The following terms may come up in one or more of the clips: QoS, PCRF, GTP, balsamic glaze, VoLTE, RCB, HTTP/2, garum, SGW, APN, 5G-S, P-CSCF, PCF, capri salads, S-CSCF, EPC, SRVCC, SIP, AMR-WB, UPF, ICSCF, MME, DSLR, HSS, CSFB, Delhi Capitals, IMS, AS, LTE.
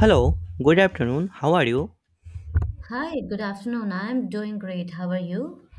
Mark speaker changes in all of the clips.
Speaker 1: Hello, good afternoon. How are you?
Speaker 2: Hi, good afternoon. I'm doing great. How are you?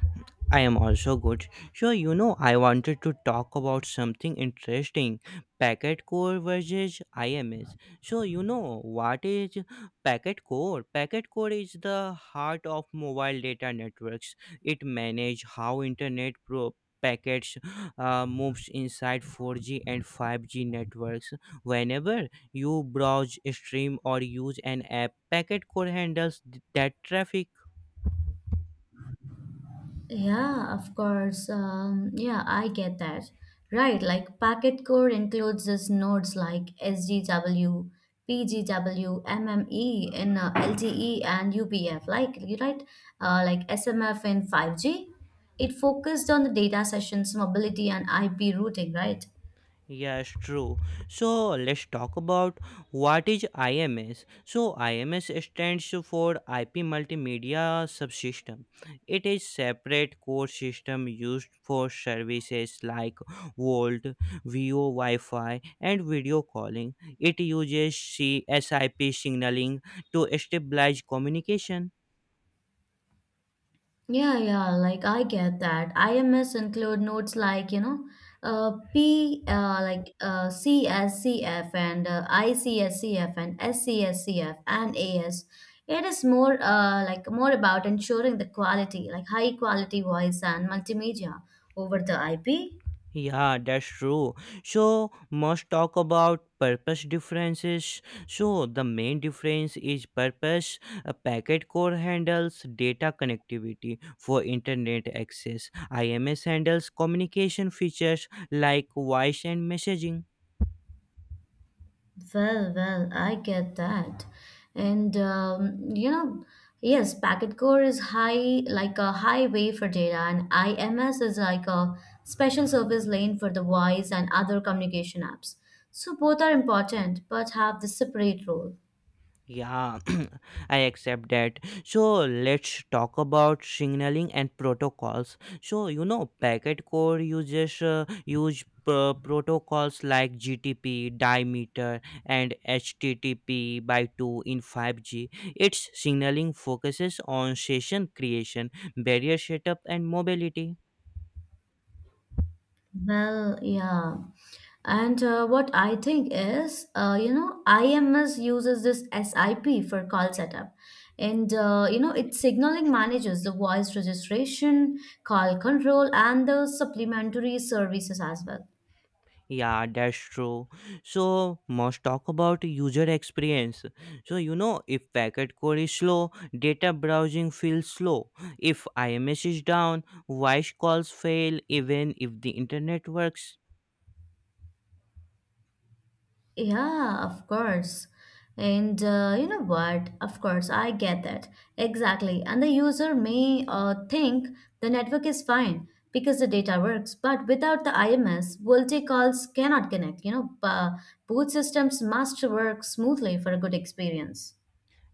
Speaker 1: I am also good. So, I wanted to talk about something interesting, packet core versus IMS. So, what is packet core? Packet core is the heart of mobile data networks. It manages how internet packets moves inside 4G and 5G networks. Whenever you browse, stream, or use an app, packet core handles that traffic.
Speaker 2: Yeah, of course. Yeah, I get that. Right, like packet core includes these nodes like SGW, PGW, MME in LTE and UPF, like you right, like SMF in 5G. It focused on the data sessions, mobility, and IP routing, right?
Speaker 1: Yes, true. So let's talk about what is IMS. So IMS stands for IP Multimedia Subsystem. It is separate core system used for services like Volt, VO Wi-Fi, and video calling. It uses CSIP signaling to stabilize communication.
Speaker 2: Yeah, I get that. IMS include notes like CSCF and ICSCF and SCSCF and AS. It is more like more about ensuring the quality, like high quality voice and multimedia over the IP.
Speaker 1: Yeah, that's true. So, must talk about purpose differences. So, the main difference is purpose. A packet core handles data connectivity for internet access. IMS handles communication features like voice and messaging.
Speaker 2: Well, I get that. And yes, packet core is high like a highway for data, and IMS is like a special service lane for the voice and other communication apps. So both are important but have the separate role.
Speaker 1: Yeah, I accept that. So let's talk about signaling and protocols. So packet core uses use protocols like GTP, Dimeter, and HTTP by two in 5G. Its signaling focuses on session creation, barrier setup, and mobility.
Speaker 2: Well, yeah. And what I think is, IMS uses this SIP for call setup. And, it signaling manages the voice registration, call control, and the supplementary services as well.
Speaker 1: Yeah, that's true. So, must talk about user experience. So, if packet core is slow, data browsing feels slow. If IMS is down, voice calls fail even if the internet works.
Speaker 2: Yeah, of course. And you know what? Of course, I get that. Exactly. And the user may think the network is fine because the data works, but without the IMS, VoLTE calls cannot connect. Both systems must work smoothly for a good experience.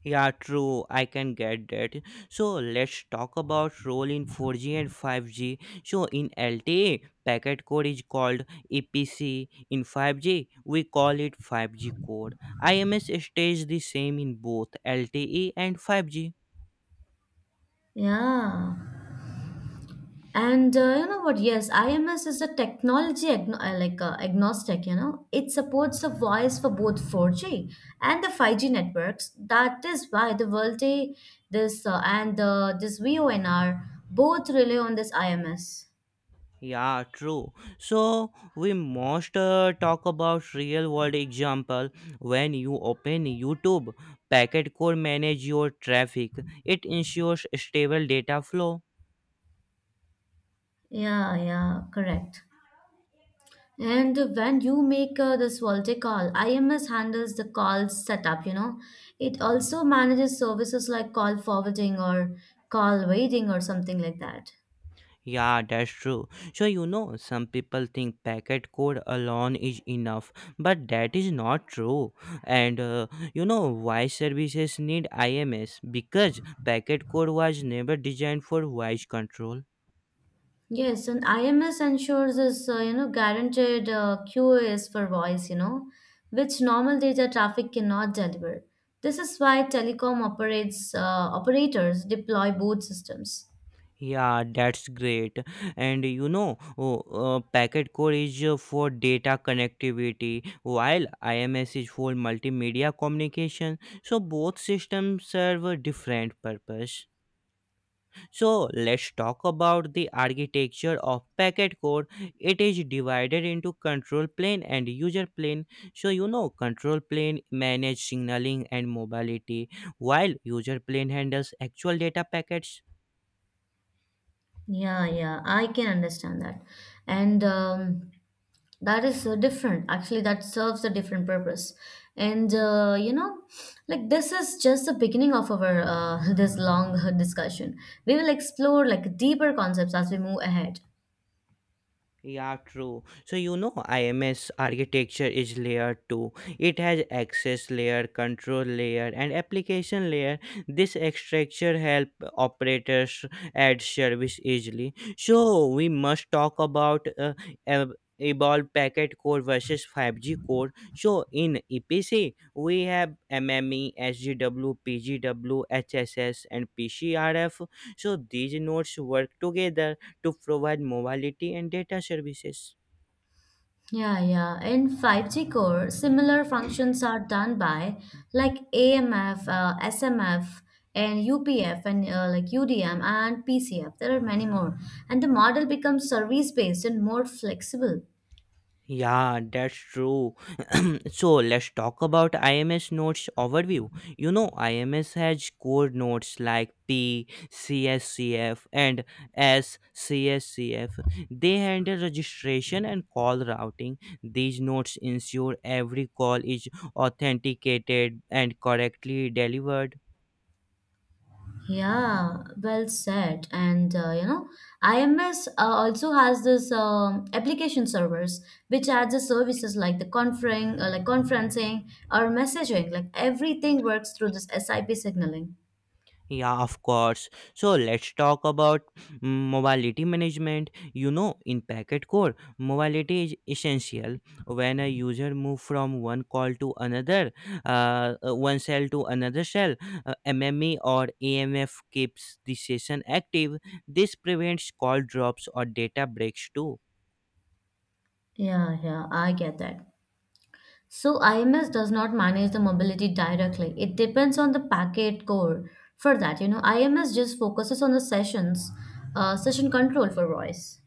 Speaker 1: Yeah, true. I can get that. So let's talk about role in 4G and 5G. So in LTE, packet code is called EPC. In 5G, we call it 5G code. IMS stays the same in both LTE and 5G.
Speaker 2: Yeah. And you know what? Yes, IMS is a technology agnostic. You know, it supports the voice for both 4G and the 5G networks. That is why the VoLTE, this VoNR both rely on this IMS.
Speaker 1: Yeah, true. So we must talk about real world example. When you open YouTube, packet code manage your traffic. It ensures stable data flow.
Speaker 2: Yeah, yeah, correct. And when you make this VoLTE call, IMS handles the call setup, you know. It also manages services like call forwarding or call waiting or something like that.
Speaker 1: Yeah, that's true. So, some people think packet code alone is enough, but that is not true. And you know why services need IMS? Because packet code was never designed for voice control.
Speaker 2: Yes, and IMS ensures this, guaranteed QoS for voice, you know, which normal data traffic cannot deliver. This is why telecom operates operators deploy both systems.
Speaker 1: Yeah, that's great. And oh, packet core is for data connectivity, while IMS is for multimedia communication. So both systems serve a different purpose. So let's talk about the architecture of packet core. It is divided into control plane and user plane. So control plane manage signaling and mobility while user plane handles actual data packets.
Speaker 2: Yeah, yeah, I can understand that. And that is different. Actually, that serves a different purpose. And you know, like this is just the beginning of our this long discussion. We will explore like deeper concepts as we move ahead.
Speaker 1: Yeah, true. So IMS architecture is layer 2. It has access layer, control layer, and application layer. This structure help operators add service easily. So we must talk about ab- evolved packet core versus 5G core. So in EPC, we have MME, SGW, PGW, HSS, and PCRF. So these nodes work together to provide mobility and data services.
Speaker 2: Yeah, yeah. In 5G core, similar functions are done by like AMF,
Speaker 1: Mhm.
Speaker 2: SMF, and UPF, and like UDM and PCF. There are many more. And the model becomes service based and more flexible.
Speaker 1: Yeah, that's true. So let's talk about IMS nodes overview. IMS has core nodes like P, CSCF, and SCSCF. They handle registration and call routing. These nodes ensure every call is authenticated and correctly delivered.
Speaker 2: Yeah, well said. And IMS also has this application servers which adds the services like the conferring, like conferencing or messaging. Like everything works through this SIP signaling.
Speaker 1: Yeah, of course. So let's talk about mobility management. In Packet Core, mobility is essential. When a user moves from one call to another, one cell to another cell, MME or AMF keeps the session active. This prevents call drops or data breaks too.
Speaker 2: Yeah, yeah, I get that. So IMS does not manage the mobility directly. It depends on the packet core. For that, you know, IMS just focuses on the session control for voice.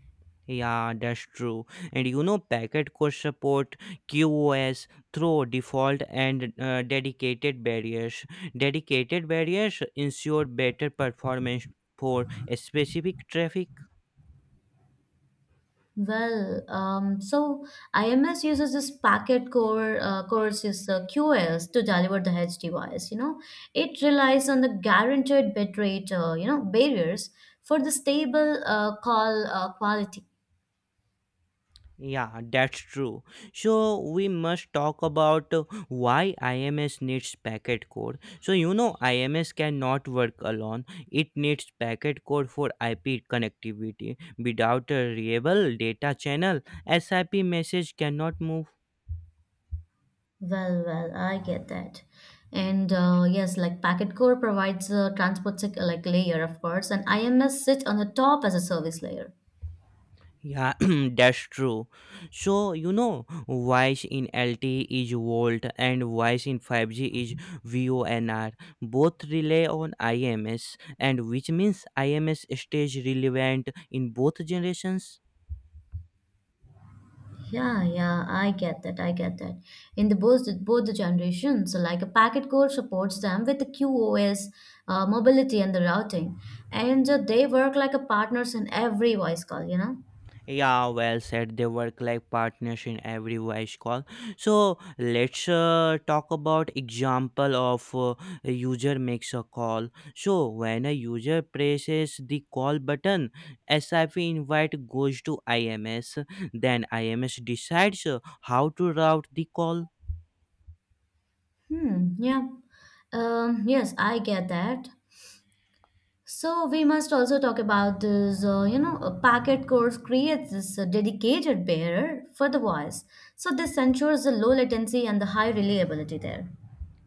Speaker 1: Yeah, that's true. And packet could support QoS through default and dedicated barriers. Dedicated barriers ensure better performance for a specific traffic.
Speaker 2: Well, so IMS uses this packet core cores is QoS to deliver the HD voice. You know, it relies on the guaranteed bitrate, barriers for the stable call quality.
Speaker 1: Yeah, that's true. So we must talk about why IMS needs packet core. So IMS cannot work alone. It needs packet core for IP connectivity. Without a reliable data channel, SIP message cannot move.
Speaker 2: Well, I get that. And yes, like Packet Core provides a transport layer, of course, and IMS sits on the top as a service layer.
Speaker 1: Yeah, that's true. So, voice in LTE is volt and voice in 5G is VONR. Both rely on IMS, and which means IMS stays relevant in both generations.
Speaker 2: Yeah, yeah, I get that. In the both both the generations, so like a packet core supports them with the QoS, mobility, and the routing, and they work like a partners in every voice call. You know.
Speaker 1: Yeah, well said. They work like partners in every voice call. So let's talk about example of a user makes a call. So when a user presses the call button, SIP invite goes to IMS. Then IMS decides how to route the call.
Speaker 2: Hmm. Yeah. Yes, I get that. So we must also talk about this, a packet course creates this dedicated bearer for the voice. So this ensures the low latency and the high reliability there.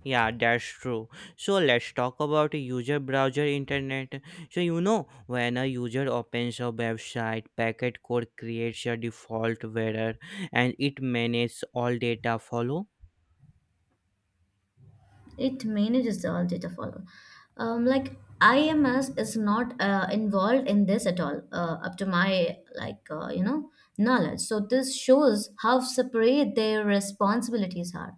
Speaker 1: Yeah, that's true. So let's talk about user browser internet. So when a user opens a website, packet code creates a default error and it manages all data follow.
Speaker 2: It manages all data follow. Like IMS is not involved in this at all, up to my knowledge. So this shows how separate their responsibilities are.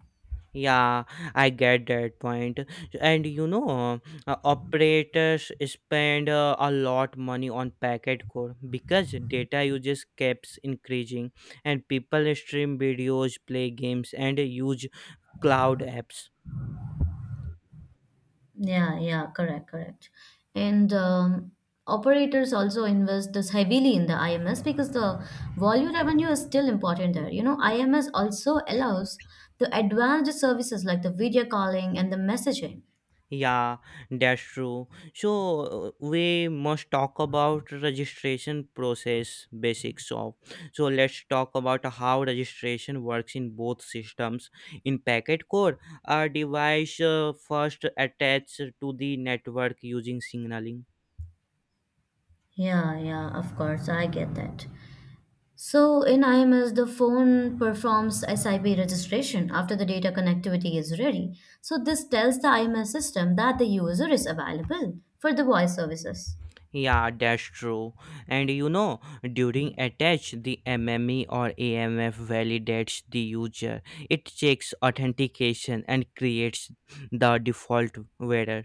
Speaker 1: Yeah, I get that point. And operators spend a lot money on packet core because data usage keeps increasing and people stream videos, play games and use cloud apps.
Speaker 2: Yeah, yeah, correct, correct. And operators also invest this heavily in the IMS because the volume revenue is still important there. You know, IMS also allows the advanced services like the video calling and the messaging.
Speaker 1: Yeah, that's true. So we must talk about registration process basics of. So let's talk about how registration works in both systems. In packet core, a device first attached to the network using signaling.
Speaker 2: Yeah, yeah, of course, I get that. So in IMS, the phone performs SIP registration after the data connectivity is ready. So this tells the IMS system that the user is available for the voice services.
Speaker 1: Yeah, that's true. And during attach, the MME or AMF validates the user. It checks authentication and creates the default wearer.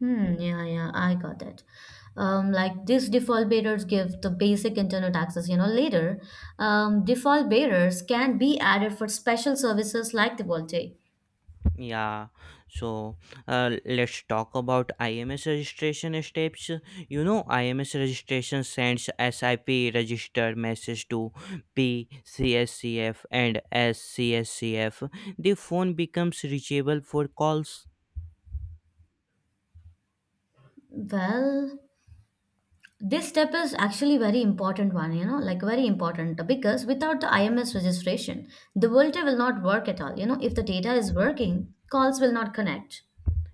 Speaker 2: Yeah, yeah, I got it. Like these default bearers give the basic internet access, you know, later. Default bearers can be added for special services like the Volte.
Speaker 1: Yeah, so let's talk about IMS registration steps. IMS registration sends SIP register message to PCSCF and SCSCF. The phone becomes reachable for calls.
Speaker 2: Well, this step is actually very important one, you know, like very important because without the IMS registration, the Volte will not work at all. You know, if the data is working, calls will not connect.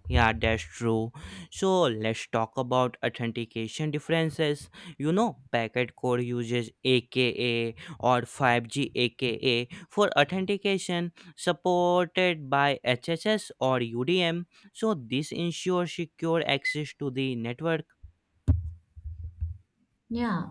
Speaker 1: Yeah, that's true. So let's talk about authentication differences. Packet code uses aka or 5G aka for authentication supported by HSS or UDM. So this ensures secure access to the network.
Speaker 2: Yeah.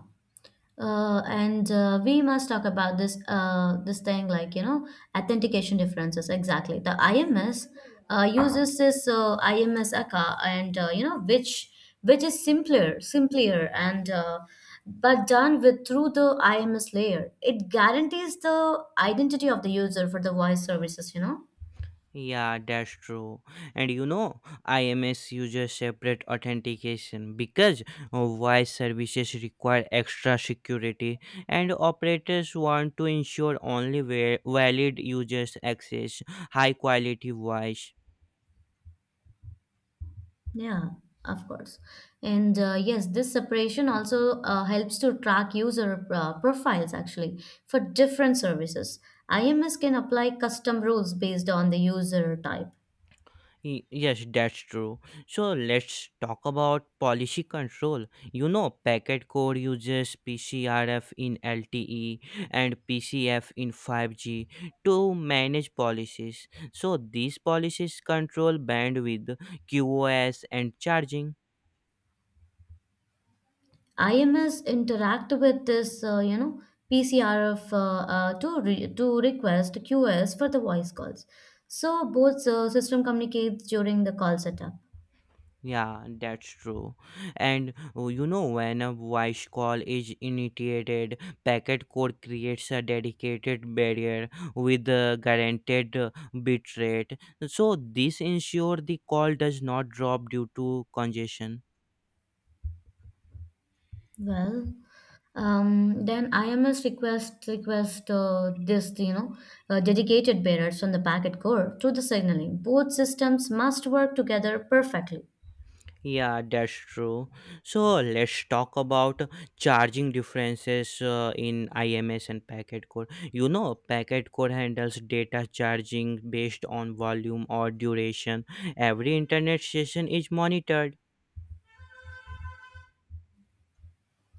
Speaker 2: And we must talk about this thing like you know authentication differences exactly. The IMS uses this IMS ACA and you know which which is simpler and but done with through the IMS layer. It guarantees the identity of the user for the voice services. You know.
Speaker 1: Yeah, that's true. And IMS uses separate authentication because voice services require extra security, and operators want to ensure only valid users access high quality voice.
Speaker 2: Yeah, of course. And yes, this separation also helps to track user profiles actually for different services. IMS can apply custom rules based on the user type.
Speaker 1: Yes, that's true. So let's talk about policy control. Packet core uses PCRF in LTE and PCF in 5G to manage policies. So these policies control bandwidth, QoS, and charging.
Speaker 2: IMS interact with this, PCRF to request QoS for the voice calls. So both system communicates during the call setup.
Speaker 1: Yeah, that's true. And oh, you know, when a voice call is initiated, packet code creates a dedicated barrier with a guaranteed bit rate. So this ensures the call does not drop due to congestion.
Speaker 2: Well, then IMS request this you know dedicated bearers on the packet core to the signaling. Both systems must work together perfectly.
Speaker 1: Yeah, that's true. So let's talk about charging differences in IMS and packet code. Packet code handles data charging based on volume or duration. Every internet session is monitored.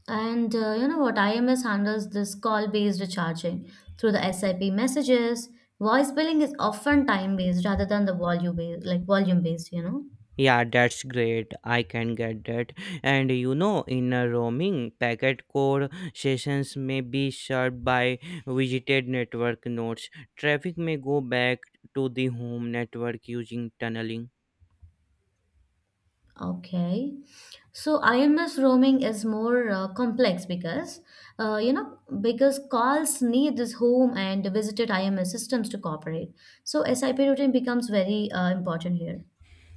Speaker 2: And you know what IMS handles this call based recharging through the SIP messages. Voice billing is often time based rather than the volume based. You know.
Speaker 1: Yeah, that's great. I can get that. And in a roaming, packet code sessions may be served by visited network nodes. Traffic may go back to the home network using tunneling.
Speaker 2: Okay. So IMS roaming is more complex because, because calls need this home and visited IMS systems to cooperate. So SIP routing becomes very important here.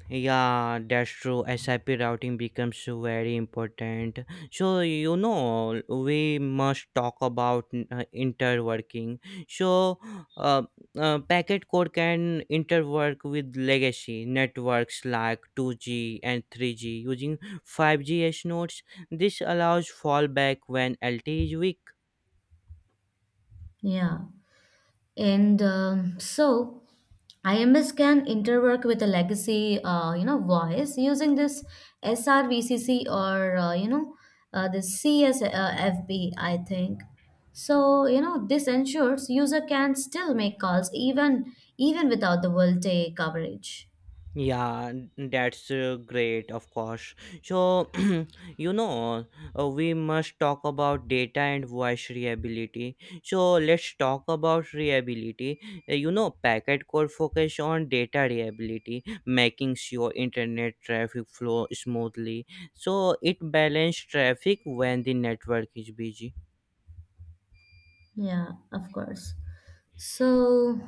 Speaker 1: Yeah, that's true. SIP routing becomes very important. So, we must talk about interworking. So, uh, packet core can interwork with legacy networks like 2G and 3G using 5G S nodes. This allows fallback when LTE is weak.
Speaker 2: Yeah. And so IMS can interwork with a legacy, voice using this SRVCC or the CSFB, I think. So you know this ensures user can still make calls even without the world day coverage.
Speaker 1: Yeah, that's great, of course. So, you know, we must talk about data and voice reliability. So, let's talk about reliability. Packet core focus on data reliability, making sure internet traffic flow smoothly. So, it balance traffic when the network is busy.
Speaker 2: Yeah, of course. So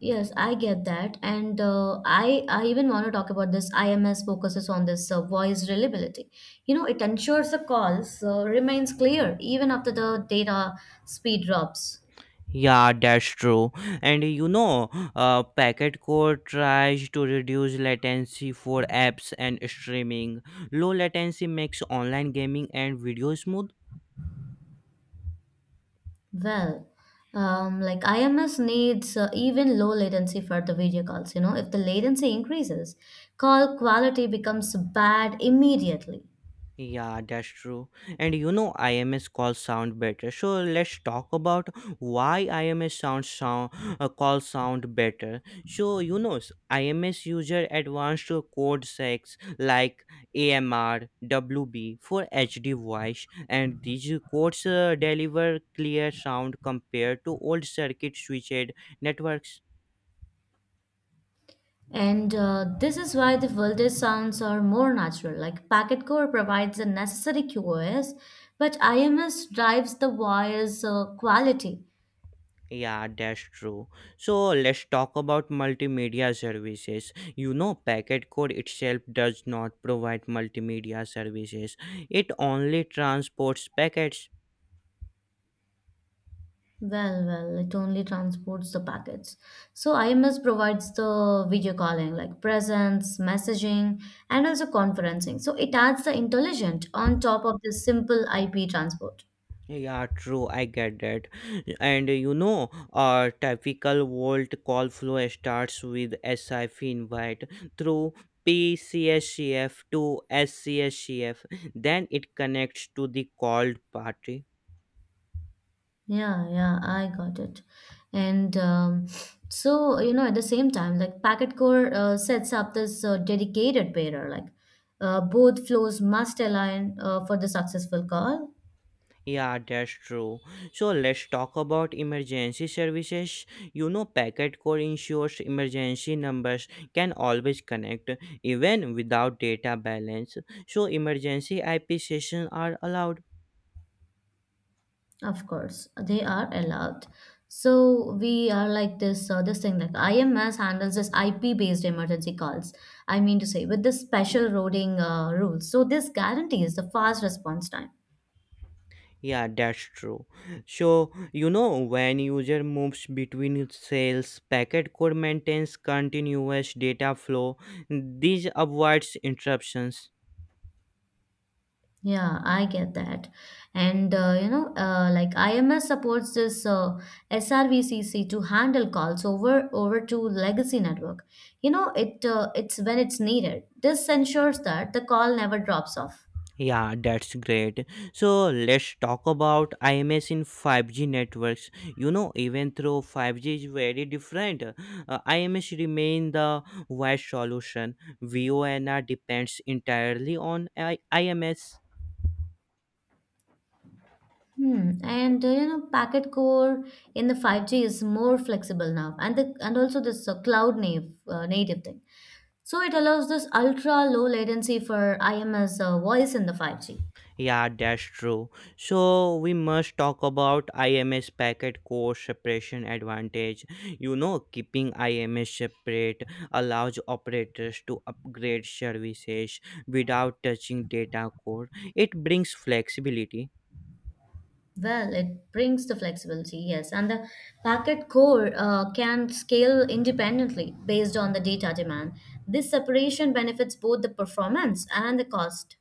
Speaker 2: yes, I get that. And I even want to talk about this. IMS focuses on this voice reliability. You know, it ensures the calls remains clear even after the data speed drops.
Speaker 1: Yeah, that's true. And packet core tries to reduce latency for apps and streaming. Low latency makes online gaming and video smooth.
Speaker 2: Well, like IMS needs even low latency for the video calls. You know, if the latency increases, call quality becomes bad immediately.
Speaker 1: Yeah, that's true. And IMS calls sound better. So let's talk about why IMS sound sound calls sound better. So IMS user advanced code secs like AMR, WB for HD voice, and these codes deliver clear sound compared to old circuit switched networks.
Speaker 2: And this is why the Vulde sounds are more natural. Like packet core provides the necessary QoS, but IMS drives the wire's quality.
Speaker 1: Yeah, that's true. So let's talk about multimedia services. Packet code itself does not provide multimedia services, it only transports packets.
Speaker 2: Well, well, it only transports the packets. So IMS provides the video calling, like presence, messaging, and also conferencing. So it adds the intelligent on top of the simple IP transport.
Speaker 1: Yeah, true, I get that. And a typical Vault call flow starts with SIF invite through PCSCF to SCSCF, then it connects to the called party.
Speaker 2: Yeah, yeah, I got it. And so, you know, at the same time, like packet core sets up this dedicated pairer, like both flows must align for the successful call.
Speaker 1: Yeah, that's true. So let's talk about emergency services. Packet core ensures emergency numbers can always connect even without data balance. So emergency IP sessions are allowed.
Speaker 2: Of course, they are allowed. So we are like this, this thing like IMS handles this IP based emergency calls. I mean to say with this special routing rules. So this guarantees the fast response time.
Speaker 1: Yeah, that's true. So when user moves between cells, packet core maintains continuous data flow. This avoids interruptions.
Speaker 2: Yeah, I get that. And like IMS supports this SRVCC to handle calls over to legacy network. You know, it's when it's needed. This ensures that the call never drops off.
Speaker 1: Yeah, that's great. So let's talk about IMS in 5G networks. Even though 5G is very different, IMS remain the wide solution. VONR depends entirely on IMS.
Speaker 2: Hmm. And you know, packet core in the 5G is more flexible now, and the and also this cloud native thing. So it allows this ultra low latency for IMS voice in the 5G.
Speaker 1: Yeah, that's true. So we must talk about IMS packet core separation advantage. Keeping IMS separate allows operators to upgrade services without touching data core. It brings flexibility.
Speaker 2: Well, it brings the flexibility, yes. And the packet core can scale independently based on the data demand. This separation benefits both the performance and the cost.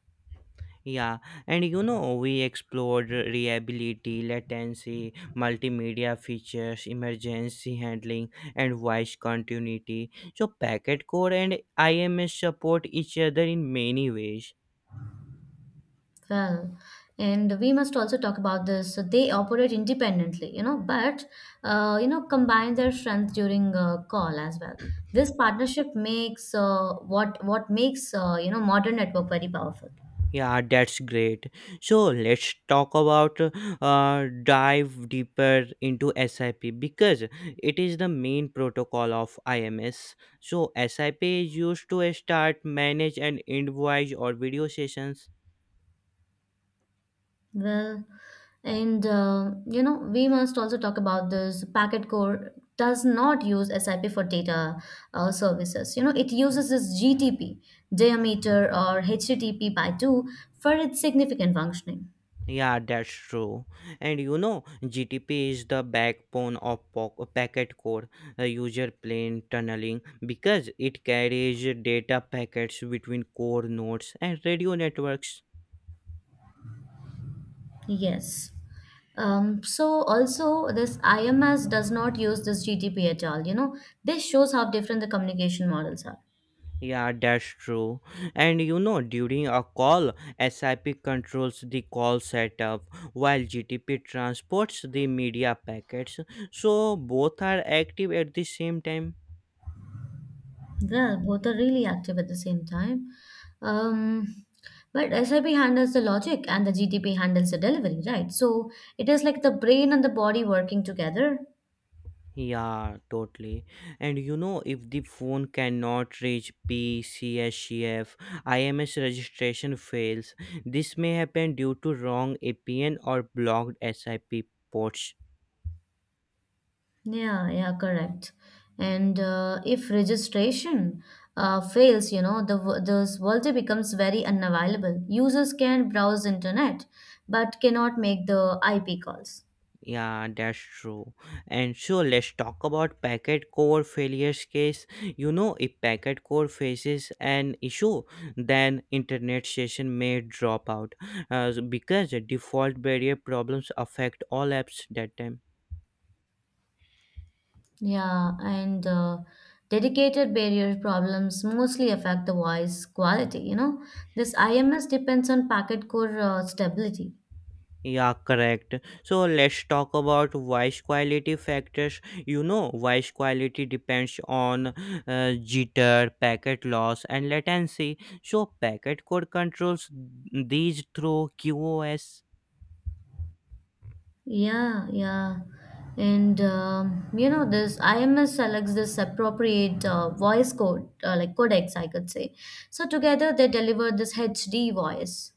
Speaker 1: Yeah, and we explored reliability, latency, multimedia features, emergency handling, and voice continuity. So, packet core and IMS support each other in many ways.
Speaker 2: Well, and we must also talk about this. So they operate independently, you know, but, combine their strength during a call as well. This partnership makes what makes modern network very powerful.
Speaker 1: Yeah, that's great. So, let's talk about dive deeper into SIP because it is the main protocol of IMS. So, SIP is used to start, manage, and end voice or video sessions.
Speaker 2: Well, and we must also talk about this. Packet Core does not use SIP for data services. You know, it uses this GTP, diameter, or HTTP by 2 for its significant functioning.
Speaker 1: Yeah, that's true. And GTP is the backbone of packet core, user plane tunneling, because it carries data packets between core nodes and radio networks.
Speaker 2: Yes. So also this IMS does not use this GTP at all. You know, this shows how different the communication models are.
Speaker 1: Yeah, that's true. And during a call, SIP controls the call setup while GTP transports the media packets. So both are active at the same time.
Speaker 2: Well, both are really active at the same time. Um, but SIP handles the logic and the GTP handles the delivery, right? So it is like the brain and the body working together.
Speaker 1: Yeah, totally. And if the phone cannot reach PCSCF, registration fails. This may happen due to wrong APN or blocked SIP ports.
Speaker 2: Yeah, yeah, correct. And if registration fails, you know, this voltage becomes very unavailable. Users can browse internet, but cannot make the IP calls.
Speaker 1: Yeah, that's true. And so let's talk about packet core failures case. If packet core faces an issue, then internet session may drop out because default barrier problems affect all apps that time.
Speaker 2: Yeah, and dedicated barrier problems mostly affect the voice quality. You know, this IMS depends on packet core stability.
Speaker 1: Yeah, correct. So let's talk about voice quality factors. Voice quality depends on jitter, packet loss, and latency. So packet code controls these through QoS.
Speaker 2: Yeah, yeah. And you know, this IMS selects this appropriate voice codecs, I could say. So together they deliver this HD voice.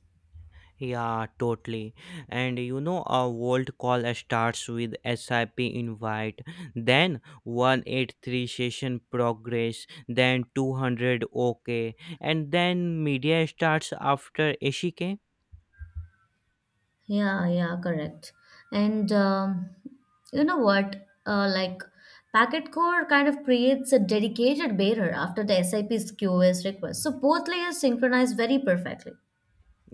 Speaker 1: Yeah, totally. And a world call starts with SIP invite, then 183 session progress, then 200 OK, and then media starts after ACK.
Speaker 2: Yeah, yeah, correct. And you know what? Like packet core kind of creates a dedicated bearer after the SIP's QoS request. So both layers synchronize very perfectly.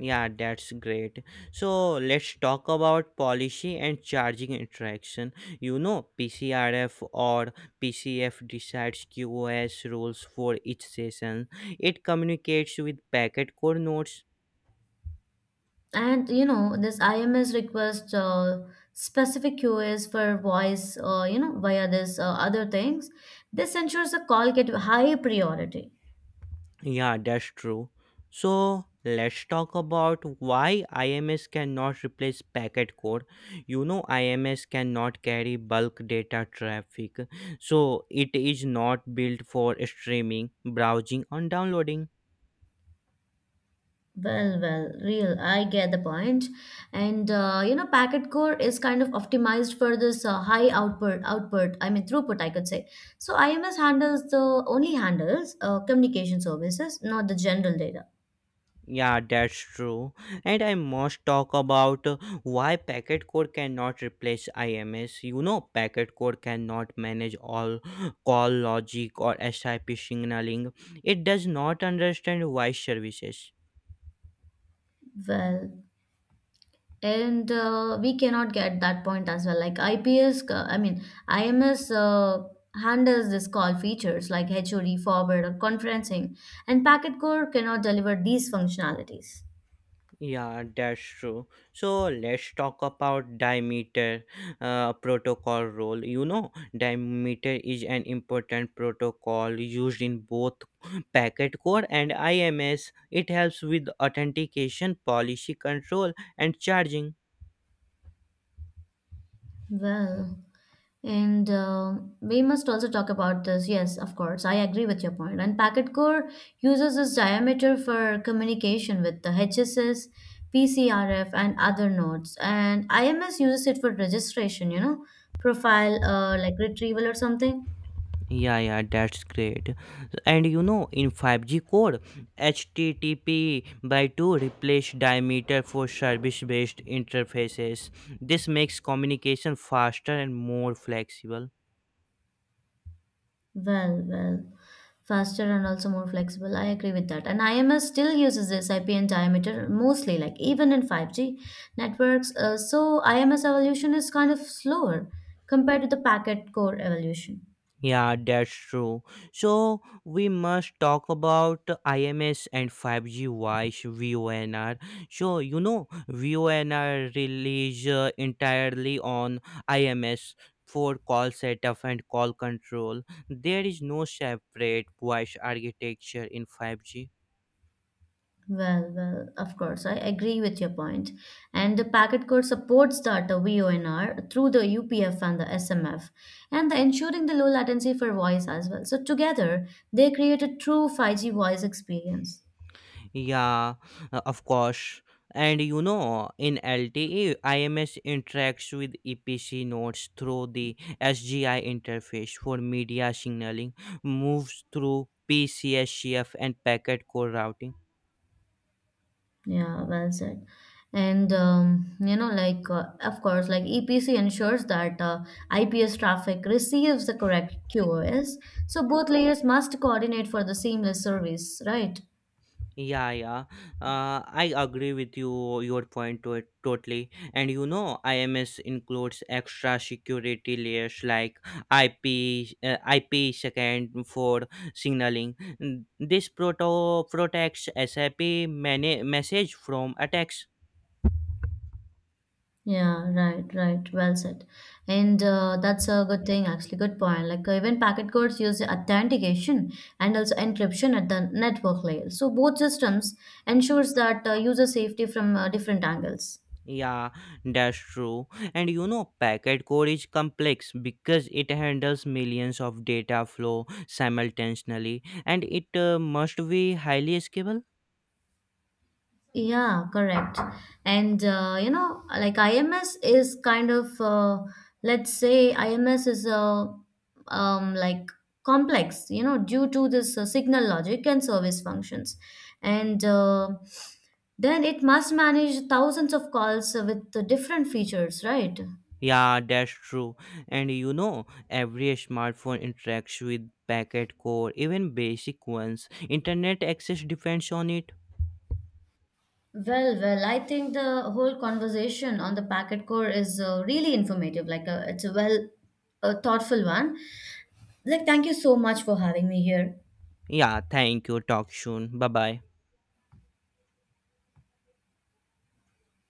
Speaker 1: Yeah, that's great. So let's talk about policy and charging interaction. PCRF or PCF decides QoS rules for each session. It communicates with packet core nodes.
Speaker 2: And you know, this IMS request specific QoS for voice, via this other things. This ensures the call get high priority.
Speaker 1: Yeah, that's true. So let's talk about why IMS cannot replace packet core. IMS cannot carry bulk data traffic, so it is not built for streaming, browsing, or downloading.
Speaker 2: Well, real. I get the point. And you know, packet core is kind of optimized for this high output, output. I mean throughput, I could say. So IMS handles the only handles communication services, not the general data.
Speaker 1: Yeah, that's true. And I must talk about why packet core cannot replace IMS. Packet core cannot manage all call logic or SIP signaling. It does not understand voice services.
Speaker 2: Well, and we cannot get that point as well. Like IPS, uh, I mean IMS handles this call features like HOD, forward, or conferencing, and packet core cannot deliver these functionalities.
Speaker 1: Yeah, that's true. So let's talk about Dimeter protocol role. Dimeter is an important protocol used in both packet core and IMS. It helps with authentication, policy control, and charging.
Speaker 2: Well. And we must also talk about this. Yes, of course, I agree with your point. And packet core uses this diameter for communication with the HSS, PCRF, and other nodes. And IMS uses it for registration, you know, profile, retrieval or something.
Speaker 1: Yeah, yeah, that's great. And in 5G core, HTTP by 2 replace diameter for service based interfaces. This makes communication faster and more flexible.
Speaker 2: Well, faster and also more flexible. I agree with that. And IMS still uses this IPN diameter mostly, like even in 5G networks. So IMS evolution is kind of slower compared to the packet core evolution.
Speaker 1: Yeah, that's true. So we must talk about IMS and 5G voice VONR. So VONR relies entirely on IMS for call setup and call control. There is no separate voice architecture in 5G.
Speaker 2: Well, of course, I agree with your point. And the packet core supports that the VONR through the UPF and the SMF, and the ensuring the low latency for voice as well. So together, they create a true 5G voice experience.
Speaker 1: Yeah, of course. And in LTE, IMS interacts with EPC nodes through the SGI interface for media signaling, moves through PCSCF and packet core routing.
Speaker 2: Yeah, well said. And of course, like EPC ensures that IPS traffic receives the correct QoS. So both layers must coordinate for the seamless service, right?
Speaker 1: Yeah, yeah. I agree with you, your point to it totally. And IMS includes extra security layers like IP second for signaling. This proto protects SIP many message from attacks.
Speaker 2: Yeah, right, right. Well said. And that's a good thing, actually. Good point. Like even packet codes use authentication and also encryption at the network layer. So both systems ensures that user safety from different angles.
Speaker 1: Yeah, that's true. And packet core is complex because it handles millions of data flow simultaneously, and it must be highly scalable.
Speaker 2: Yeah, correct. And you know, like IMS is kind of uh, let's say IMS is a um, like complex, you know, due to this signal logic and service functions, and then it must manage thousands of calls with the different features, right?
Speaker 1: Yeah, that's true. And every smartphone interacts with packet core, even basic ones. Internet access depends on it.
Speaker 2: Well, I think the whole conversation on the packet core is really informative. Like, it's a well, a thoughtful one. Like, thank you so much for having me here.
Speaker 1: Yeah, thank you. Talk soon. Bye bye.